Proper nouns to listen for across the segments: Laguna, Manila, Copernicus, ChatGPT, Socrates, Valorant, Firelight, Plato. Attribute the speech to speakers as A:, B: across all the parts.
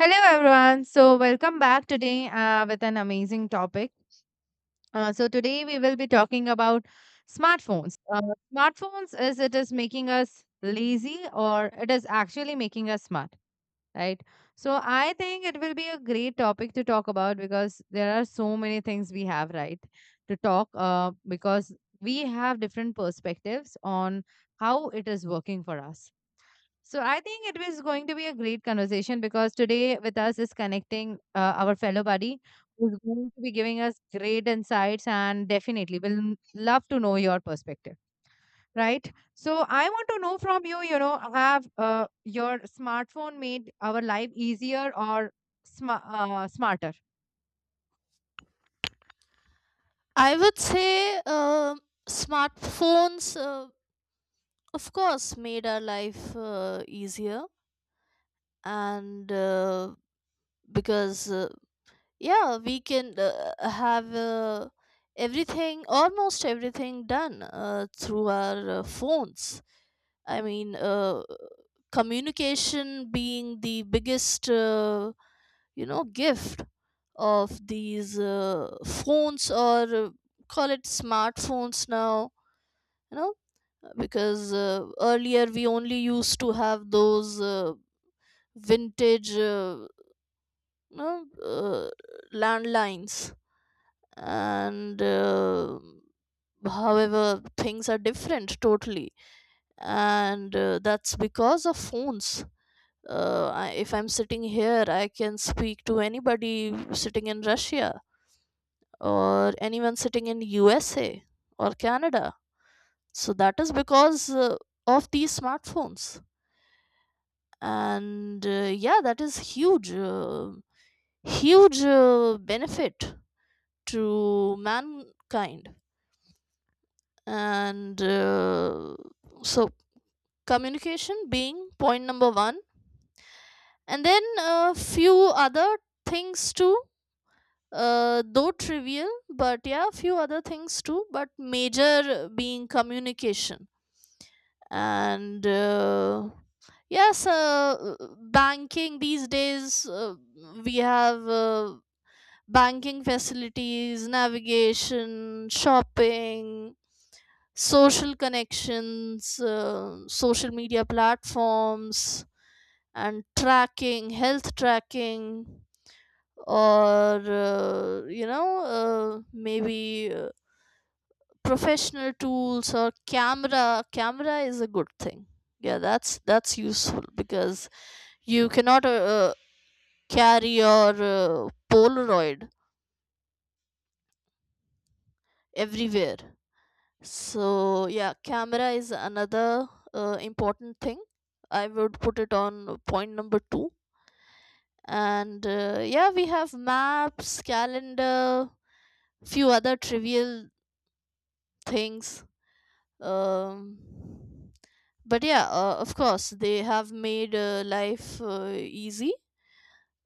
A: Hello, everyone. Welcome back today with an amazing topic. Today we will be talking about smartphones. Smartphones is making us lazy or it is actually making us smart, right? So, I think it will be a great topic to talk about because there are so many things we have, right, to talk because we have different perspectives on how it is working for us. So I think it was going to be a great conversation because today with us is connecting our fellow buddy who's going to be giving us great insights and definitely will love to know your perspective, right? So I want to know from you, have your smartphone made our life easier or smarter?
B: I would say smartphones, of course, made our life easier, and because yeah, we can have everything, almost everything, done through our phones. I mean, communication being the biggest, gift of these phones, or call it smartphones now. You know because earlier we only used to have those vintage no, landlines, and however things are different totally, and that's because of phones. If I'm sitting here, I can speak to anybody sitting in Russia or anyone sitting in USA or Canada. So that is because of these smartphones, and yeah, that is huge benefit to mankind. And so Communication being point number one, and then a few other things too, though trivial, but yeah, few other things too, but major being communication. And yes Banking these days, we have banking facilities, navigation, shopping, social connections, social media platforms, and tracking, health tracking, or you know, maybe professional tools, or camera. Camera is a good thing. Yeah, that's useful because you cannot carry your Polaroid everywhere. So yeah, camera is another important thing. I would put it on point number two. And Yeah, we have maps, calendar, few other trivial things. Um, but yeah, of course, they have made life easy,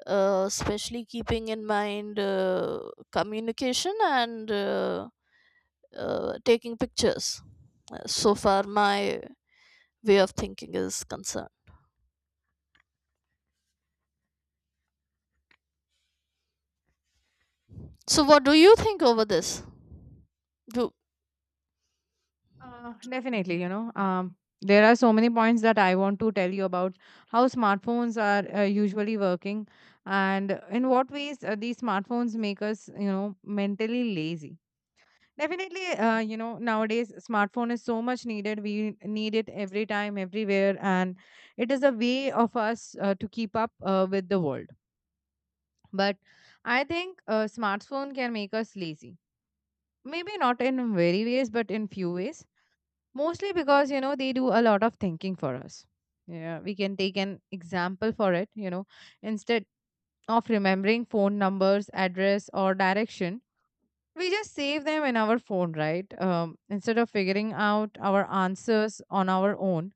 B: especially keeping in mind communication and taking pictures. So far, my way of thinking is concerned. So, what do you think over this? Do
A: Definitely, there are so many points that I want to tell you about how smartphones are usually working and in what ways these smartphones make us, mentally lazy. Definitely, nowadays smartphone is so much needed. We need it every time, everywhere, and it is a way of us to keep up with the world. But I think smartphone can make us lazy. Maybe not in very ways, but in few ways. Mostly because, they do a lot of thinking for us. Yeah, we can take an example for it, instead of remembering phone numbers, address, or direction, we just save them in our phone, right? Instead of figuring out our answers on our own,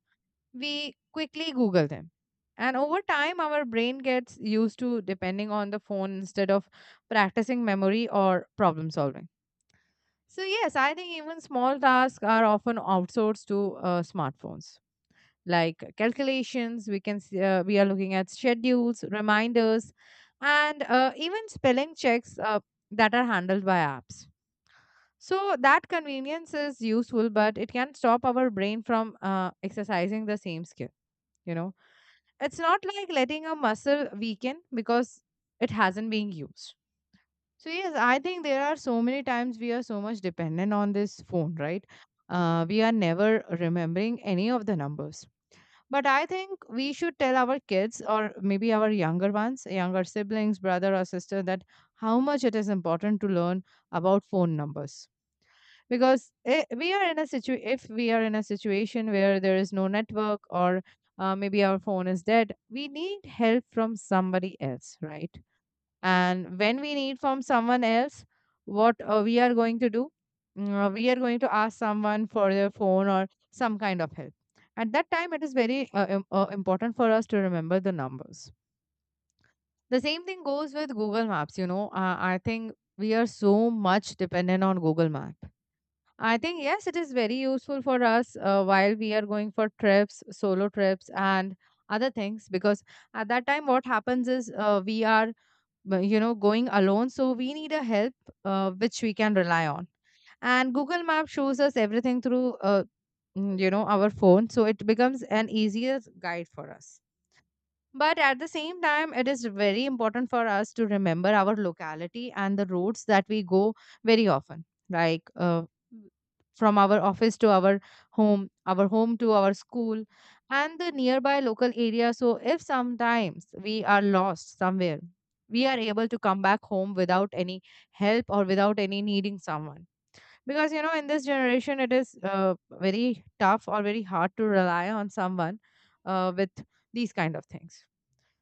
A: we quickly Google them. And over time, our brain gets used to depending on the phone instead of practicing memory or problem solving. So, yes, I think even small tasks are often outsourced to smartphones like calculations we can see, we are looking at schedules, reminders, and even spelling checks that are handled by apps. So that convenience is useful, but it can stop our brain from exercising the same skill, you know it's not like letting a muscle weaken because it hasn't been used. So yes, I think there are so many times we are so much dependent on this phone, right? We are never remembering any of the numbers, but I think we should tell our kids or maybe our younger ones, younger siblings, brother or sister, that how much it is important to learn about phone numbers. Because eh, we are in a situ- if we are in a situation where there is no network or maybe our phone is dead, we need help from somebody else, right? And when we need from someone else, what we are going to do? We are going to ask someone for their phone or some kind of help. At that time it is very important for us to remember the numbers. The same thing goes with Google Maps, I think we are so much dependent on Google Map. I think yes, it is very useful for us while we are going for trips, solo trips, and other things, because at that time what happens is we are, but, going alone, so we need a help which we can rely on. And Google Map shows us everything through our phone, so it becomes an easier guide for us. But at the same time, it is very important for us to remember our locality and the routes that we go very often, like from our office to our home to our school, and the nearby local area. So, if sometimes we are lost somewhere, we are able to come back home without any help or without any needing someone. Because, in this generation, it is very tough or very hard to rely on someone with these kind of things.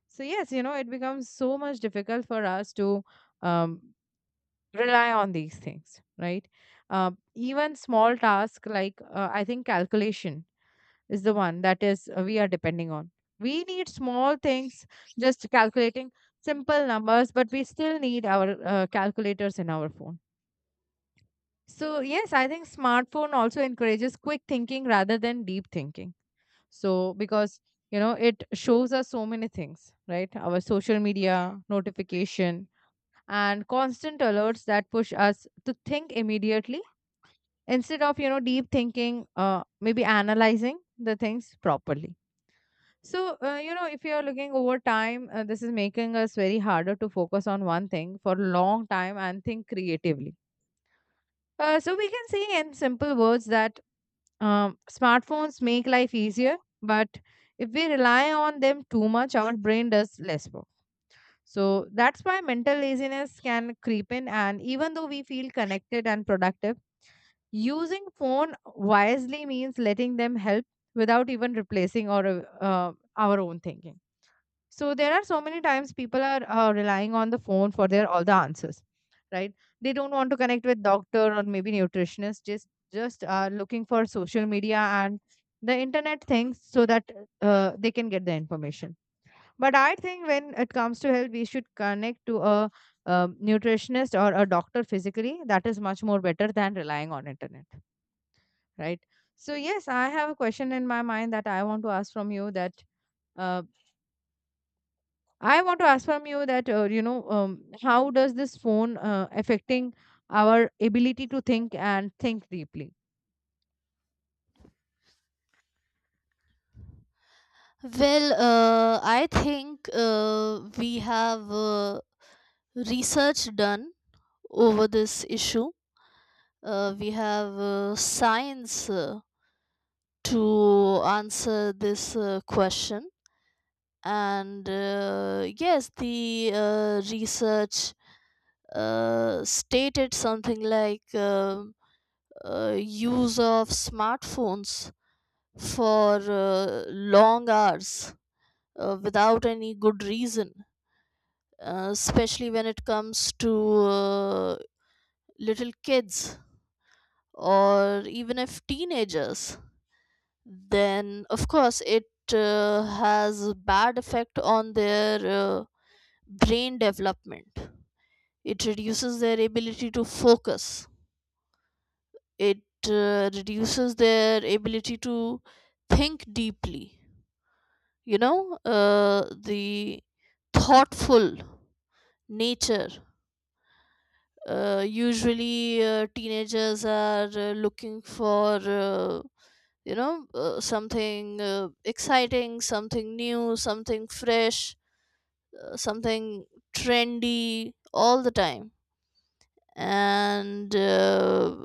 A: So yes, it becomes so much difficult for us to um, rely on these things, right? Even small tasks like I think calculation is the one that is we are depending on. We need small things, just calculating simple numbers, but we still need our calculators in our phone. So yes, I think smartphone also encourages quick thinking rather than deep thinking. So because it shows us so many things, right? Our social media notification and constant alerts that push us to think immediately instead of deep thinking, maybe analyzing the things properly. So if you are looking over time, this is making us very harder to focus on one thing for a long time and think creatively. So we can say in simple words that smartphones make life easier, but if we rely on them too much, our brain does less work. So that's why mental laziness can creep in. And even though we feel connected and productive, using phone wisely means letting them help without even replacing our own thinking. So there are so many times people are relying on the phone for their all the answers, right? They don't want to connect with doctor or maybe nutritionist. Just are looking for social media and the internet things so that they can get the information. But I think when it comes to health, we should connect to a nutritionist or a doctor physically. That is much more better than relying on internet, right? So yes, I have a question in my mind that I want to ask from you that uh, I want to ask from you that how does this phone affecting our ability to think and think deeply?
B: Well, I think we have research done over this issue. We have science to answer this question, and yes, the research stated something like use of smartphones for long hours, without any good reason, especially when it comes to little kids or even if teenagers, then of course it has bad effect on their brain development. It reduces their ability to focus. It reduces their ability to think deeply. The thoughtful nature, usually teenagers are looking for something exciting, something new, something fresh, something trendy all the time. And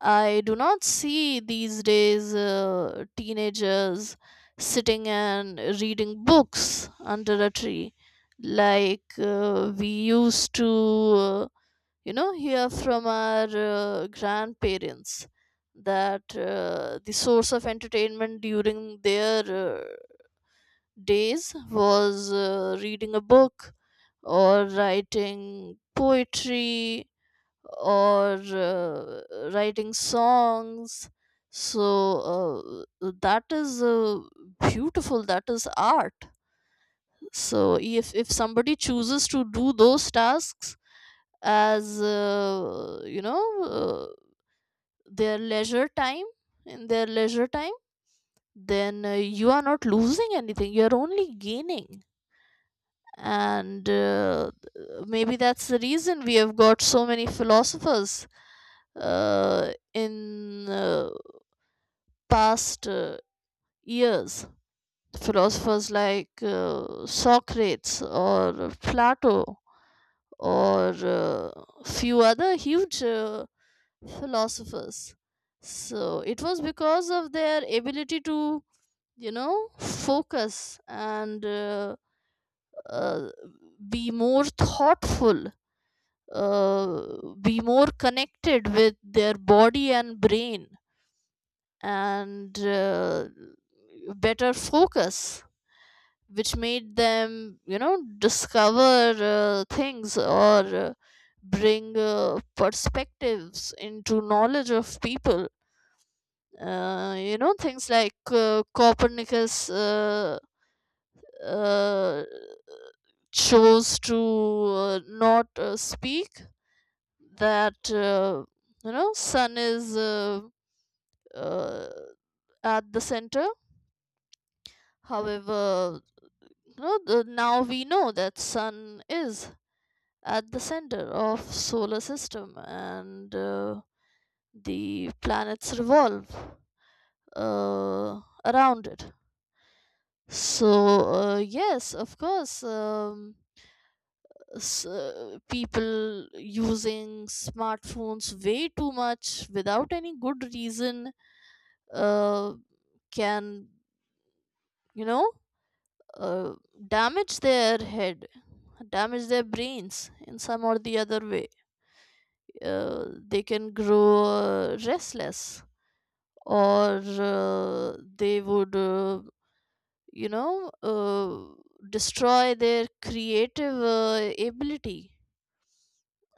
B: I do not see these days teenagers sitting and reading books under a tree like we used to, you know, hear from our grandparents that the source of entertainment during their uh, days was reading a book, or writing poetry, or writing songs. So that is beautiful. That is art. So if somebody chooses to do those tasks as their leisure time, in their leisure time, then you are not losing anything. You are only gaining. And Maybe that's the reason we have got so many philosophers in past years, philosophers like Socrates or Plato, or few other huge philosophers. So it was because of their ability to, you know, focus, and uh, be more thoughtful, be more connected with their body and brain, and better focus, which made them, you know, discover things, or bring perspectives into knowledge of people. Things like Copernicus uh, chose to not speak that, you know, sun is uh, at the center. However, you know, now we know that sun is at the center of solar system, and the planets revolve around it. So yes, of course, people using smartphones way too much without any good reason uh, can, you know, uh, damage their head, damage their brains in some or the other way. They can grow restless, or they would, you know, uh, destroy their creative ability.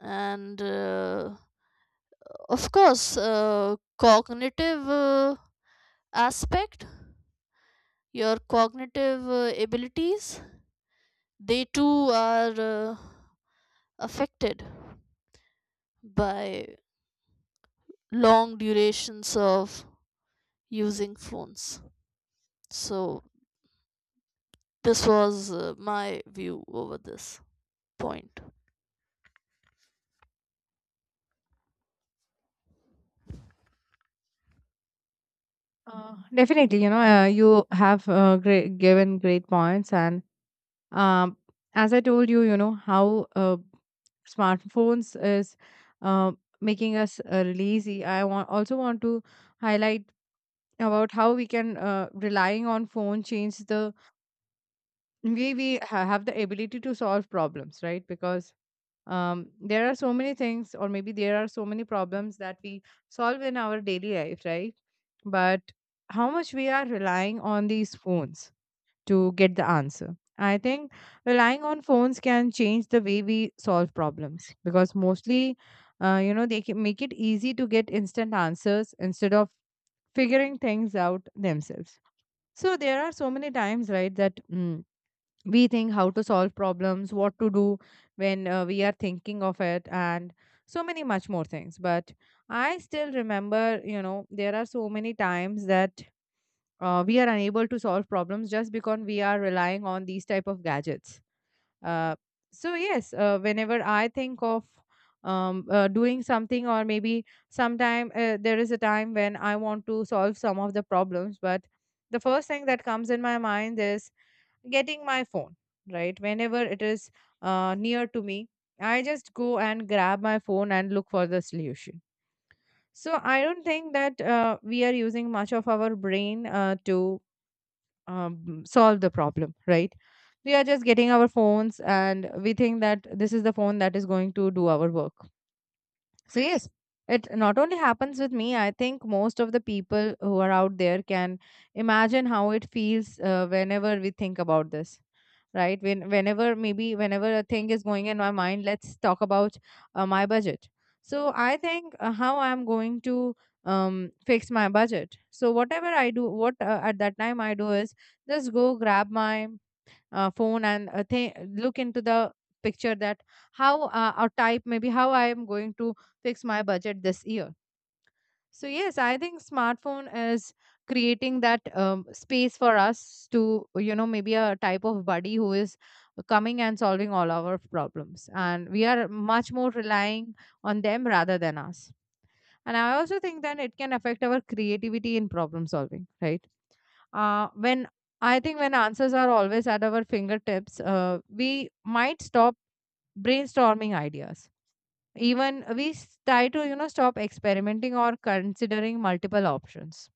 B: And Of course, cognitive aspect, your cognitive abilities, they too are affected by long durations of using phones. So this was my view over this point.
A: Definitely, you have given great points, and um, as I told you, you know how smartphones is uh, making us really easy. I want also want to highlight about how we can relying on phone change the way have the ability to solve problems, right? Because there are so many things or maybe there are so many problems that we solve in our daily life, right? But how much we are relying on these phones to get the answer. I think relying on phones can change the way we solve problems, because mostly they can make it easy to get instant answers instead of figuring things out themselves. So there are so many times, right, that we think how to solve problems, what to do when we are thinking of it, and so many much more things. But I still remember, there are so many times that we are unable to solve problems just because we are relying on these type of gadgets. uh, so yes, whenever I think of doing something, or maybe sometime there is a time when I want to solve some of the problems, but the first thing that comes in my mind is getting my phone, right? Whenever it is near to me, I just go and grab my phone and look for the solution. So I don't think that we are using much of our brain to solve the problem, right? We are just getting our phones and we think that this is the phone that is going to do our work. So, yes, it not only happens with me, I think most of the people who are out there can imagine how it feels whenever we think about this, right? Whenever a thing is going in my mind, let's talk about my budget. So I think how I'm going to fix my budget. So whatever I do, what at that time I do is just go grab my phone and look into the picture that how or type maybe how I am going to fix my budget this year. So yes, I think smartphone is creating that space for us to, maybe a type of buddy who is coming and solving all our problems, and we are much more relying on them rather than us. And I also think that it can affect our creativity in problem solving, right? When I think, when answers are always at our fingertips, we might stop brainstorming ideas. Try to, stop experimenting or considering multiple options.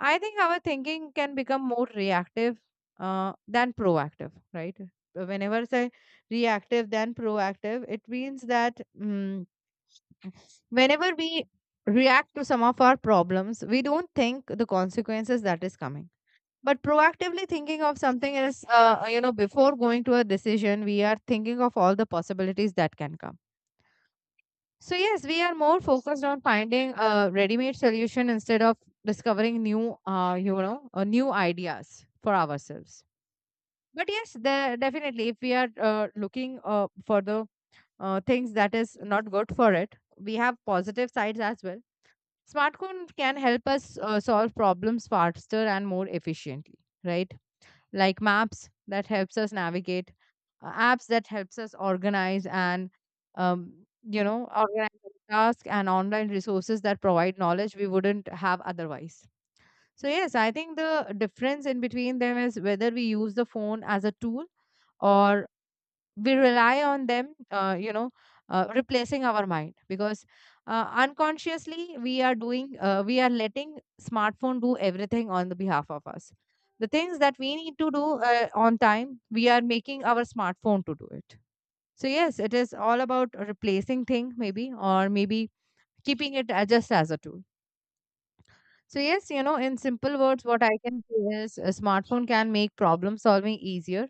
A: I think our thinking can become more reactive than proactive, right? Whenever I say reactive than proactive, it means that whenever we react to some of our problems, we don't think the consequences that is coming. But proactively thinking of something is, before going to a decision, we are thinking of all the possibilities that can come. So yes, we are more focused on finding a ready-made solution instead of discovering new, new ideas for ourselves. But yes, there definitely, if we are looking for the things that is not good for it, we have positive sides as well. Smartphone can help us solve problems faster and more efficiently, right? Like maps that helps us navigate, apps that helps us organize and um, organize our tasks, and online resources that provide knowledge we wouldn't have otherwise. So yes, I think the difference in between them is whether we use the phone as a tool or we rely on them, replacing our mind. Because unconsciously we are doing, we are letting smartphone do everything on the behalf of us. The things that we need to do on time, we are making our smartphone to do it. So yes, it is all about replacing thing maybe, or maybe keeping it just as a tool. So yes, you know, in simple words what I can say is a smartphone can make problem solving easier,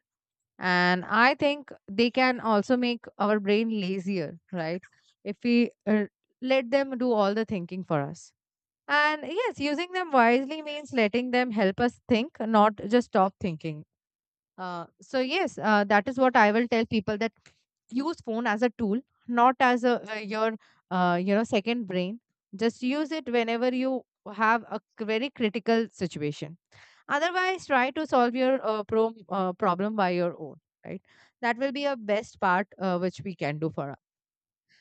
A: and I think they can also make our brain lazier, right? If we let them do all the thinking for us. And yes, using them wisely means letting them help us think, not just stop thinking. So yes, that is what I will tell people, that use phone as a tool, not as a your, second brain. Just use it whenever you have a very critical situation. Otherwise, try to solve your problem by your own, right? That will be a best part which we can do for us.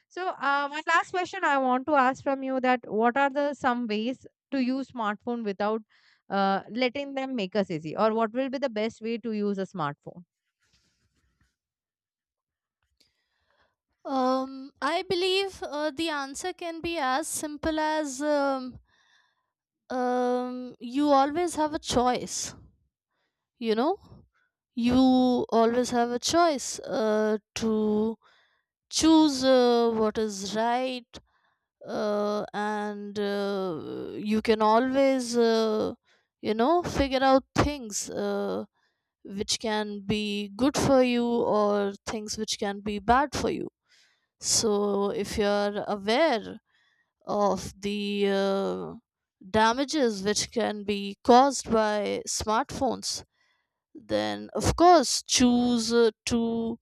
A: One last question I want to ask from you, that what are the some ways to use smartphone without letting them make us easy, or what will be the best way to use a smartphone?
B: I believe the answer can be as simple as you always have a choice. You know, you always have a choice to choose what is right, and you can always, you know, figure out things which can be good for you or things which can be bad for you. So if you're aware of the damages which can be caused by smartphones, then of course choose to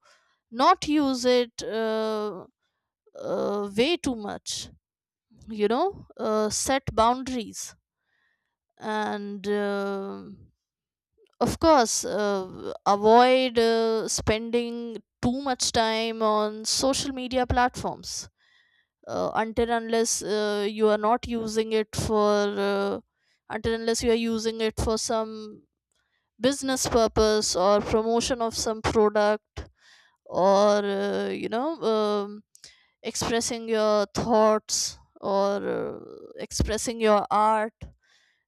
B: not use it way too much. You know, set boundaries, and of course avoid spending too much time on social media platforms, until unless you are not using it for, until unless you are using it for some business purpose or promotion of some product, or expressing your thoughts, or expressing your art.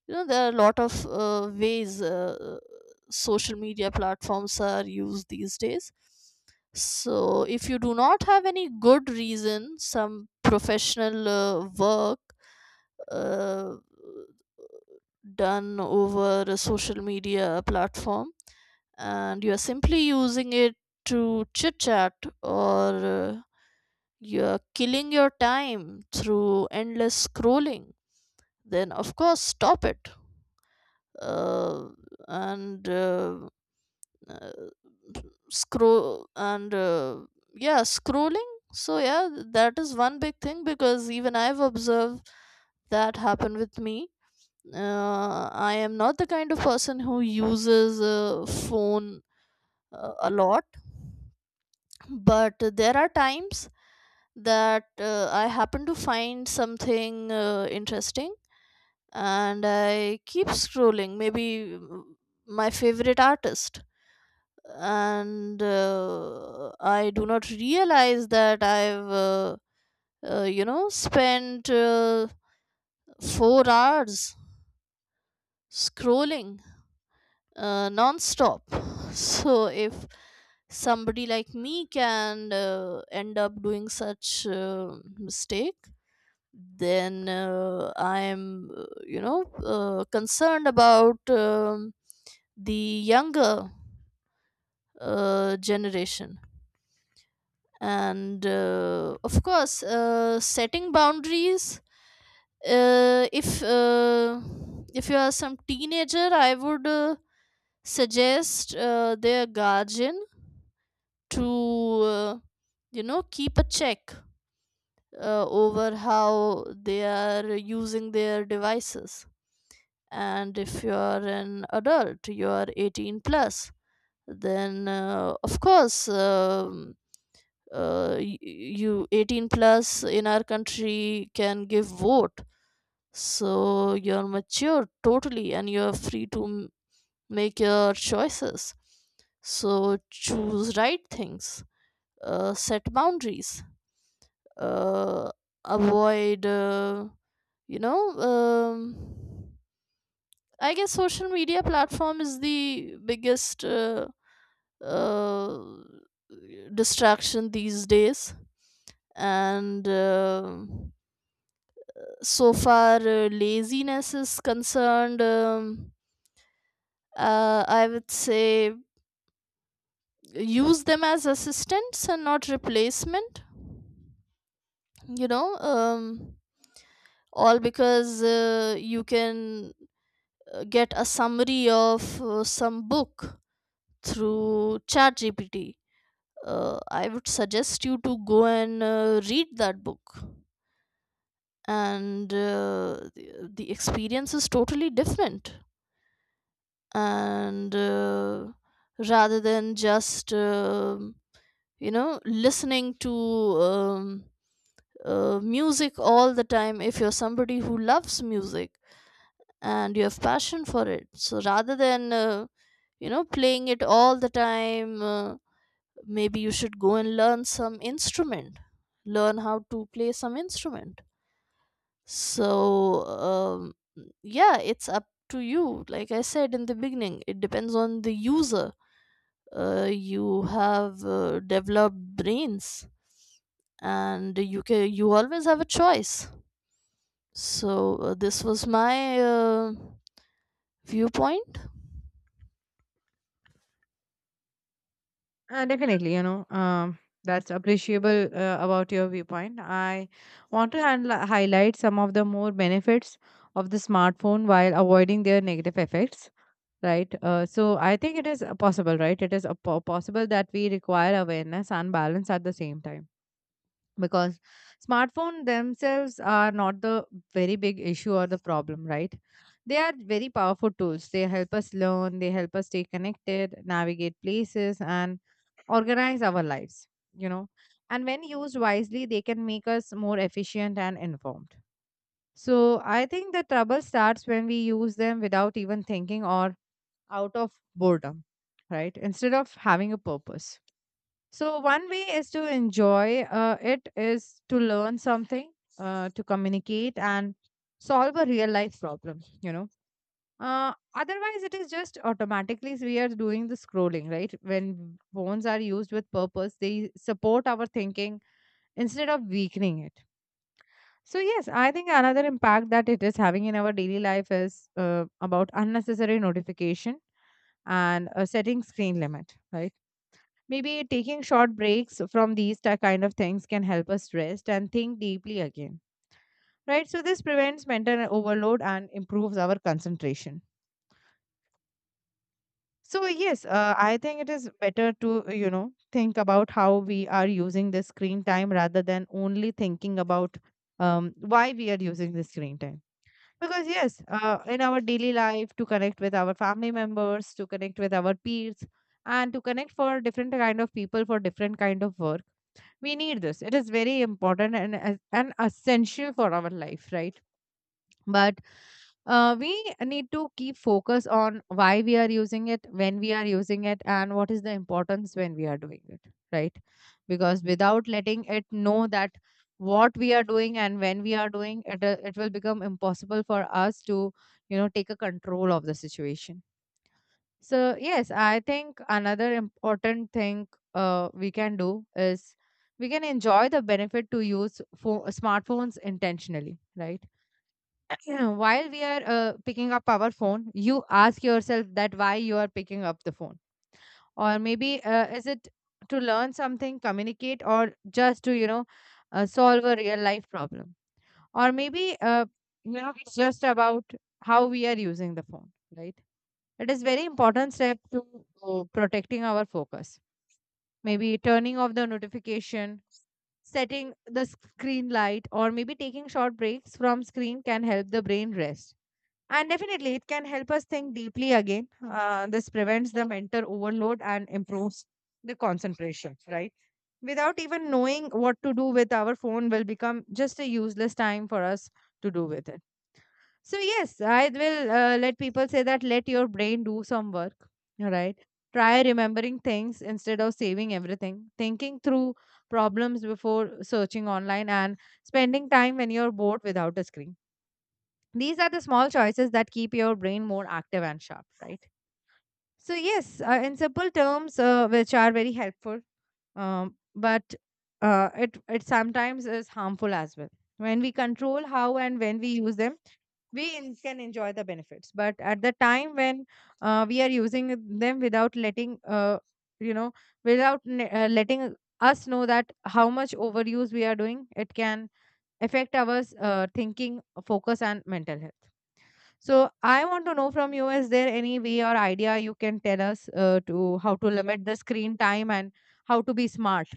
B: You know, there are a lot of ways social media platforms are used these days. So if you do not have any good reason, some professional work uh, done over a social media platform, and you are simply using it to chit chat, or you are killing your time through endless scrolling, then of course stop it. Uh, and uh, scroll and yeah Scrolling, so yeah, that is one big thing, because even I've observed that happen with me. I am not the kind of person who uses a phone a lot, but there are times that I happen to find something interesting, and I keep scrolling, maybe my favorite artist, and I do not realize that I've, you know, spent 4 hours scrolling non-stop. So if somebody like me can end up doing such mistake, then I am, concerned about the younger generation. And Of course setting boundaries, uh, if uh, if you are some teenager, I would suggest their guardian to, you know, keep a check over how they are using their devices. And if you are an adult, you are 18 plus, then of course, you 18 plus in our country can give vote, so you're mature totally, and you're free to make your choices. So choose right things, set boundaries, uh, avoid, you know um, I guess social media platform is the biggest uh, distraction these days. And so far laziness is concerned, I would say use them as assistants and not replacement. you know um, all because you can get a summary of some book through ChatGPT. I would suggest you to go and read that book, and the experience is totally different. And Rather than just, you know, listening to um, music all the time, if you're somebody who loves music and you have passion for it, so rather than, you know, playing it all the time, maybe you should go and learn some instrument, learn how to play some instrument. so um, yeah, it's up to you. Like I said in the beginning, it depends on the user. You have developed brains, and you can, you always have a choice. So this was my viewpoint.
A: Definitely, you know, that's appreciable about your viewpoint. I want to highlight some of the more benefits of the smartphone while avoiding their negative effects, right? So I think it is possible, right? It is possible that we require awareness and balance at the same time, because smartphone themselves are not the very big issue or the problem, right? They are very powerful tools. They help us learn, they help us stay connected, navigate places, and organize our lives, you know. And when used wisely, they can make us more efficient and informed. So I think the trouble starts when we use them without even thinking, or out of boredom, right? Instead of having a purpose. So, one way is to enjoy it is to learn something, to communicate, and solve a real life problem, you know. Otherwise, it is just automatically we are doing the scrolling, right? When phones are used with purpose, they support our thinking instead of weakening it. So yes, I think another impact that it is having in our daily life is about unnecessary notification and setting screen limit, right? Maybe taking short breaks from these kind of things can help us rest and think deeply again, right? So this prevents mental overload and improves our concentration. So yes, I think it is better to, you know, think about how we are using the screen time rather than only thinking about why we are using the screen time. Because yes, in our daily life, to connect with our family members, to connect with our peers, and to connect for different kind of people for different kind of work, we need this. It is very important and essential for our life, right? But we need to keep focus on why we are using it, when we are using it, and what is the importance when we are doing it, right? Because without letting it know that what we are doing and when we are doing it, it will become impossible for us to, you know, take a control of the situation. So yes, I think another important thing we can do is we can enjoy the benefit to use smartphones intentionally, right? Yeah, while we are picking up our phone, you ask yourself that why you are picking up the phone, or maybe is it to learn something, communicate, or just to, you know, solve a real life problem, or maybe it's just about how we are using the phone, right? It is very important step to protecting our focus. Maybe turning off the notification, setting the screen light, or maybe taking short breaks from screen can help the brain rest, and definitely, it can help us think deeply again. This prevents the mental overload and improves the concentration, right? Without even knowing what to do with our phone, will become just a useless time for us to do with it. So, yes, I will let people say that let your brain do some work, right? Try remembering things instead of saving everything, thinking through problems before searching online, and spending time when you're bored without a screen. These are the small choices that keep your brain more active and sharp, right? So, yes, in simple terms, which are very helpful, but it sometimes is harmful as well. When we control how and when we use them, can enjoy the benefits. But at the time when we are using them without letting, you know, without ne- letting us know that how much overuse we are doing, it can affect our thinking, focus, and mental health. So I want to know from you, is there any way or idea you can tell us to how to limit the screen time and how to be smart?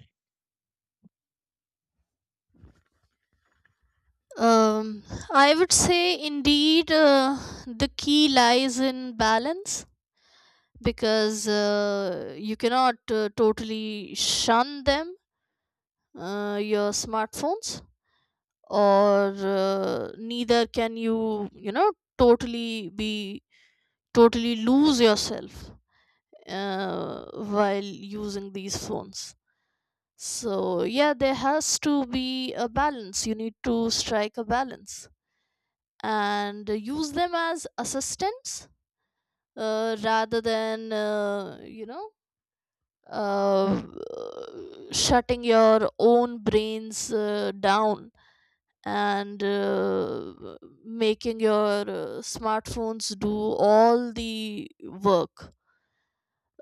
B: um, I would say indeed the key lies in balance, because you cannot totally shun them, your smartphones, or neither can you, you know, totally be totally lose yourself while using these phones. So, yeah, there has to be a balance. You need to strike a balance and use them as assistants rather than, uh, shutting your own brains down, and making your smartphones do all the work,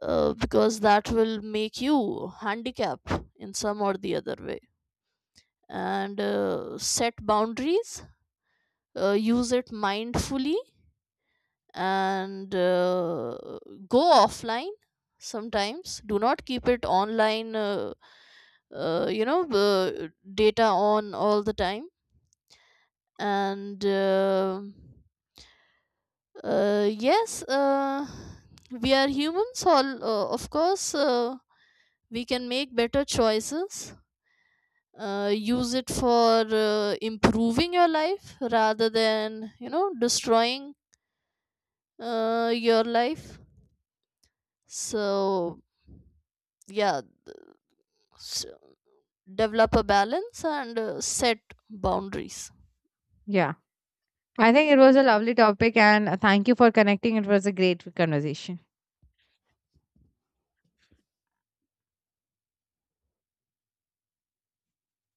B: because that will make you handicapped in some or the other way. And Set boundaries, use it mindfully, and go offline sometimes. Do not keep it online, you know, data on all the time. And Yes, we are humans, all, of course. We can make better choices. Use it for improving your life rather than, you know, destroying your life. So yeah s Develop a balance, and set boundaries.
A: Yeah. I think it was a lovely topic, and thank you for connecting. It was a great conversation.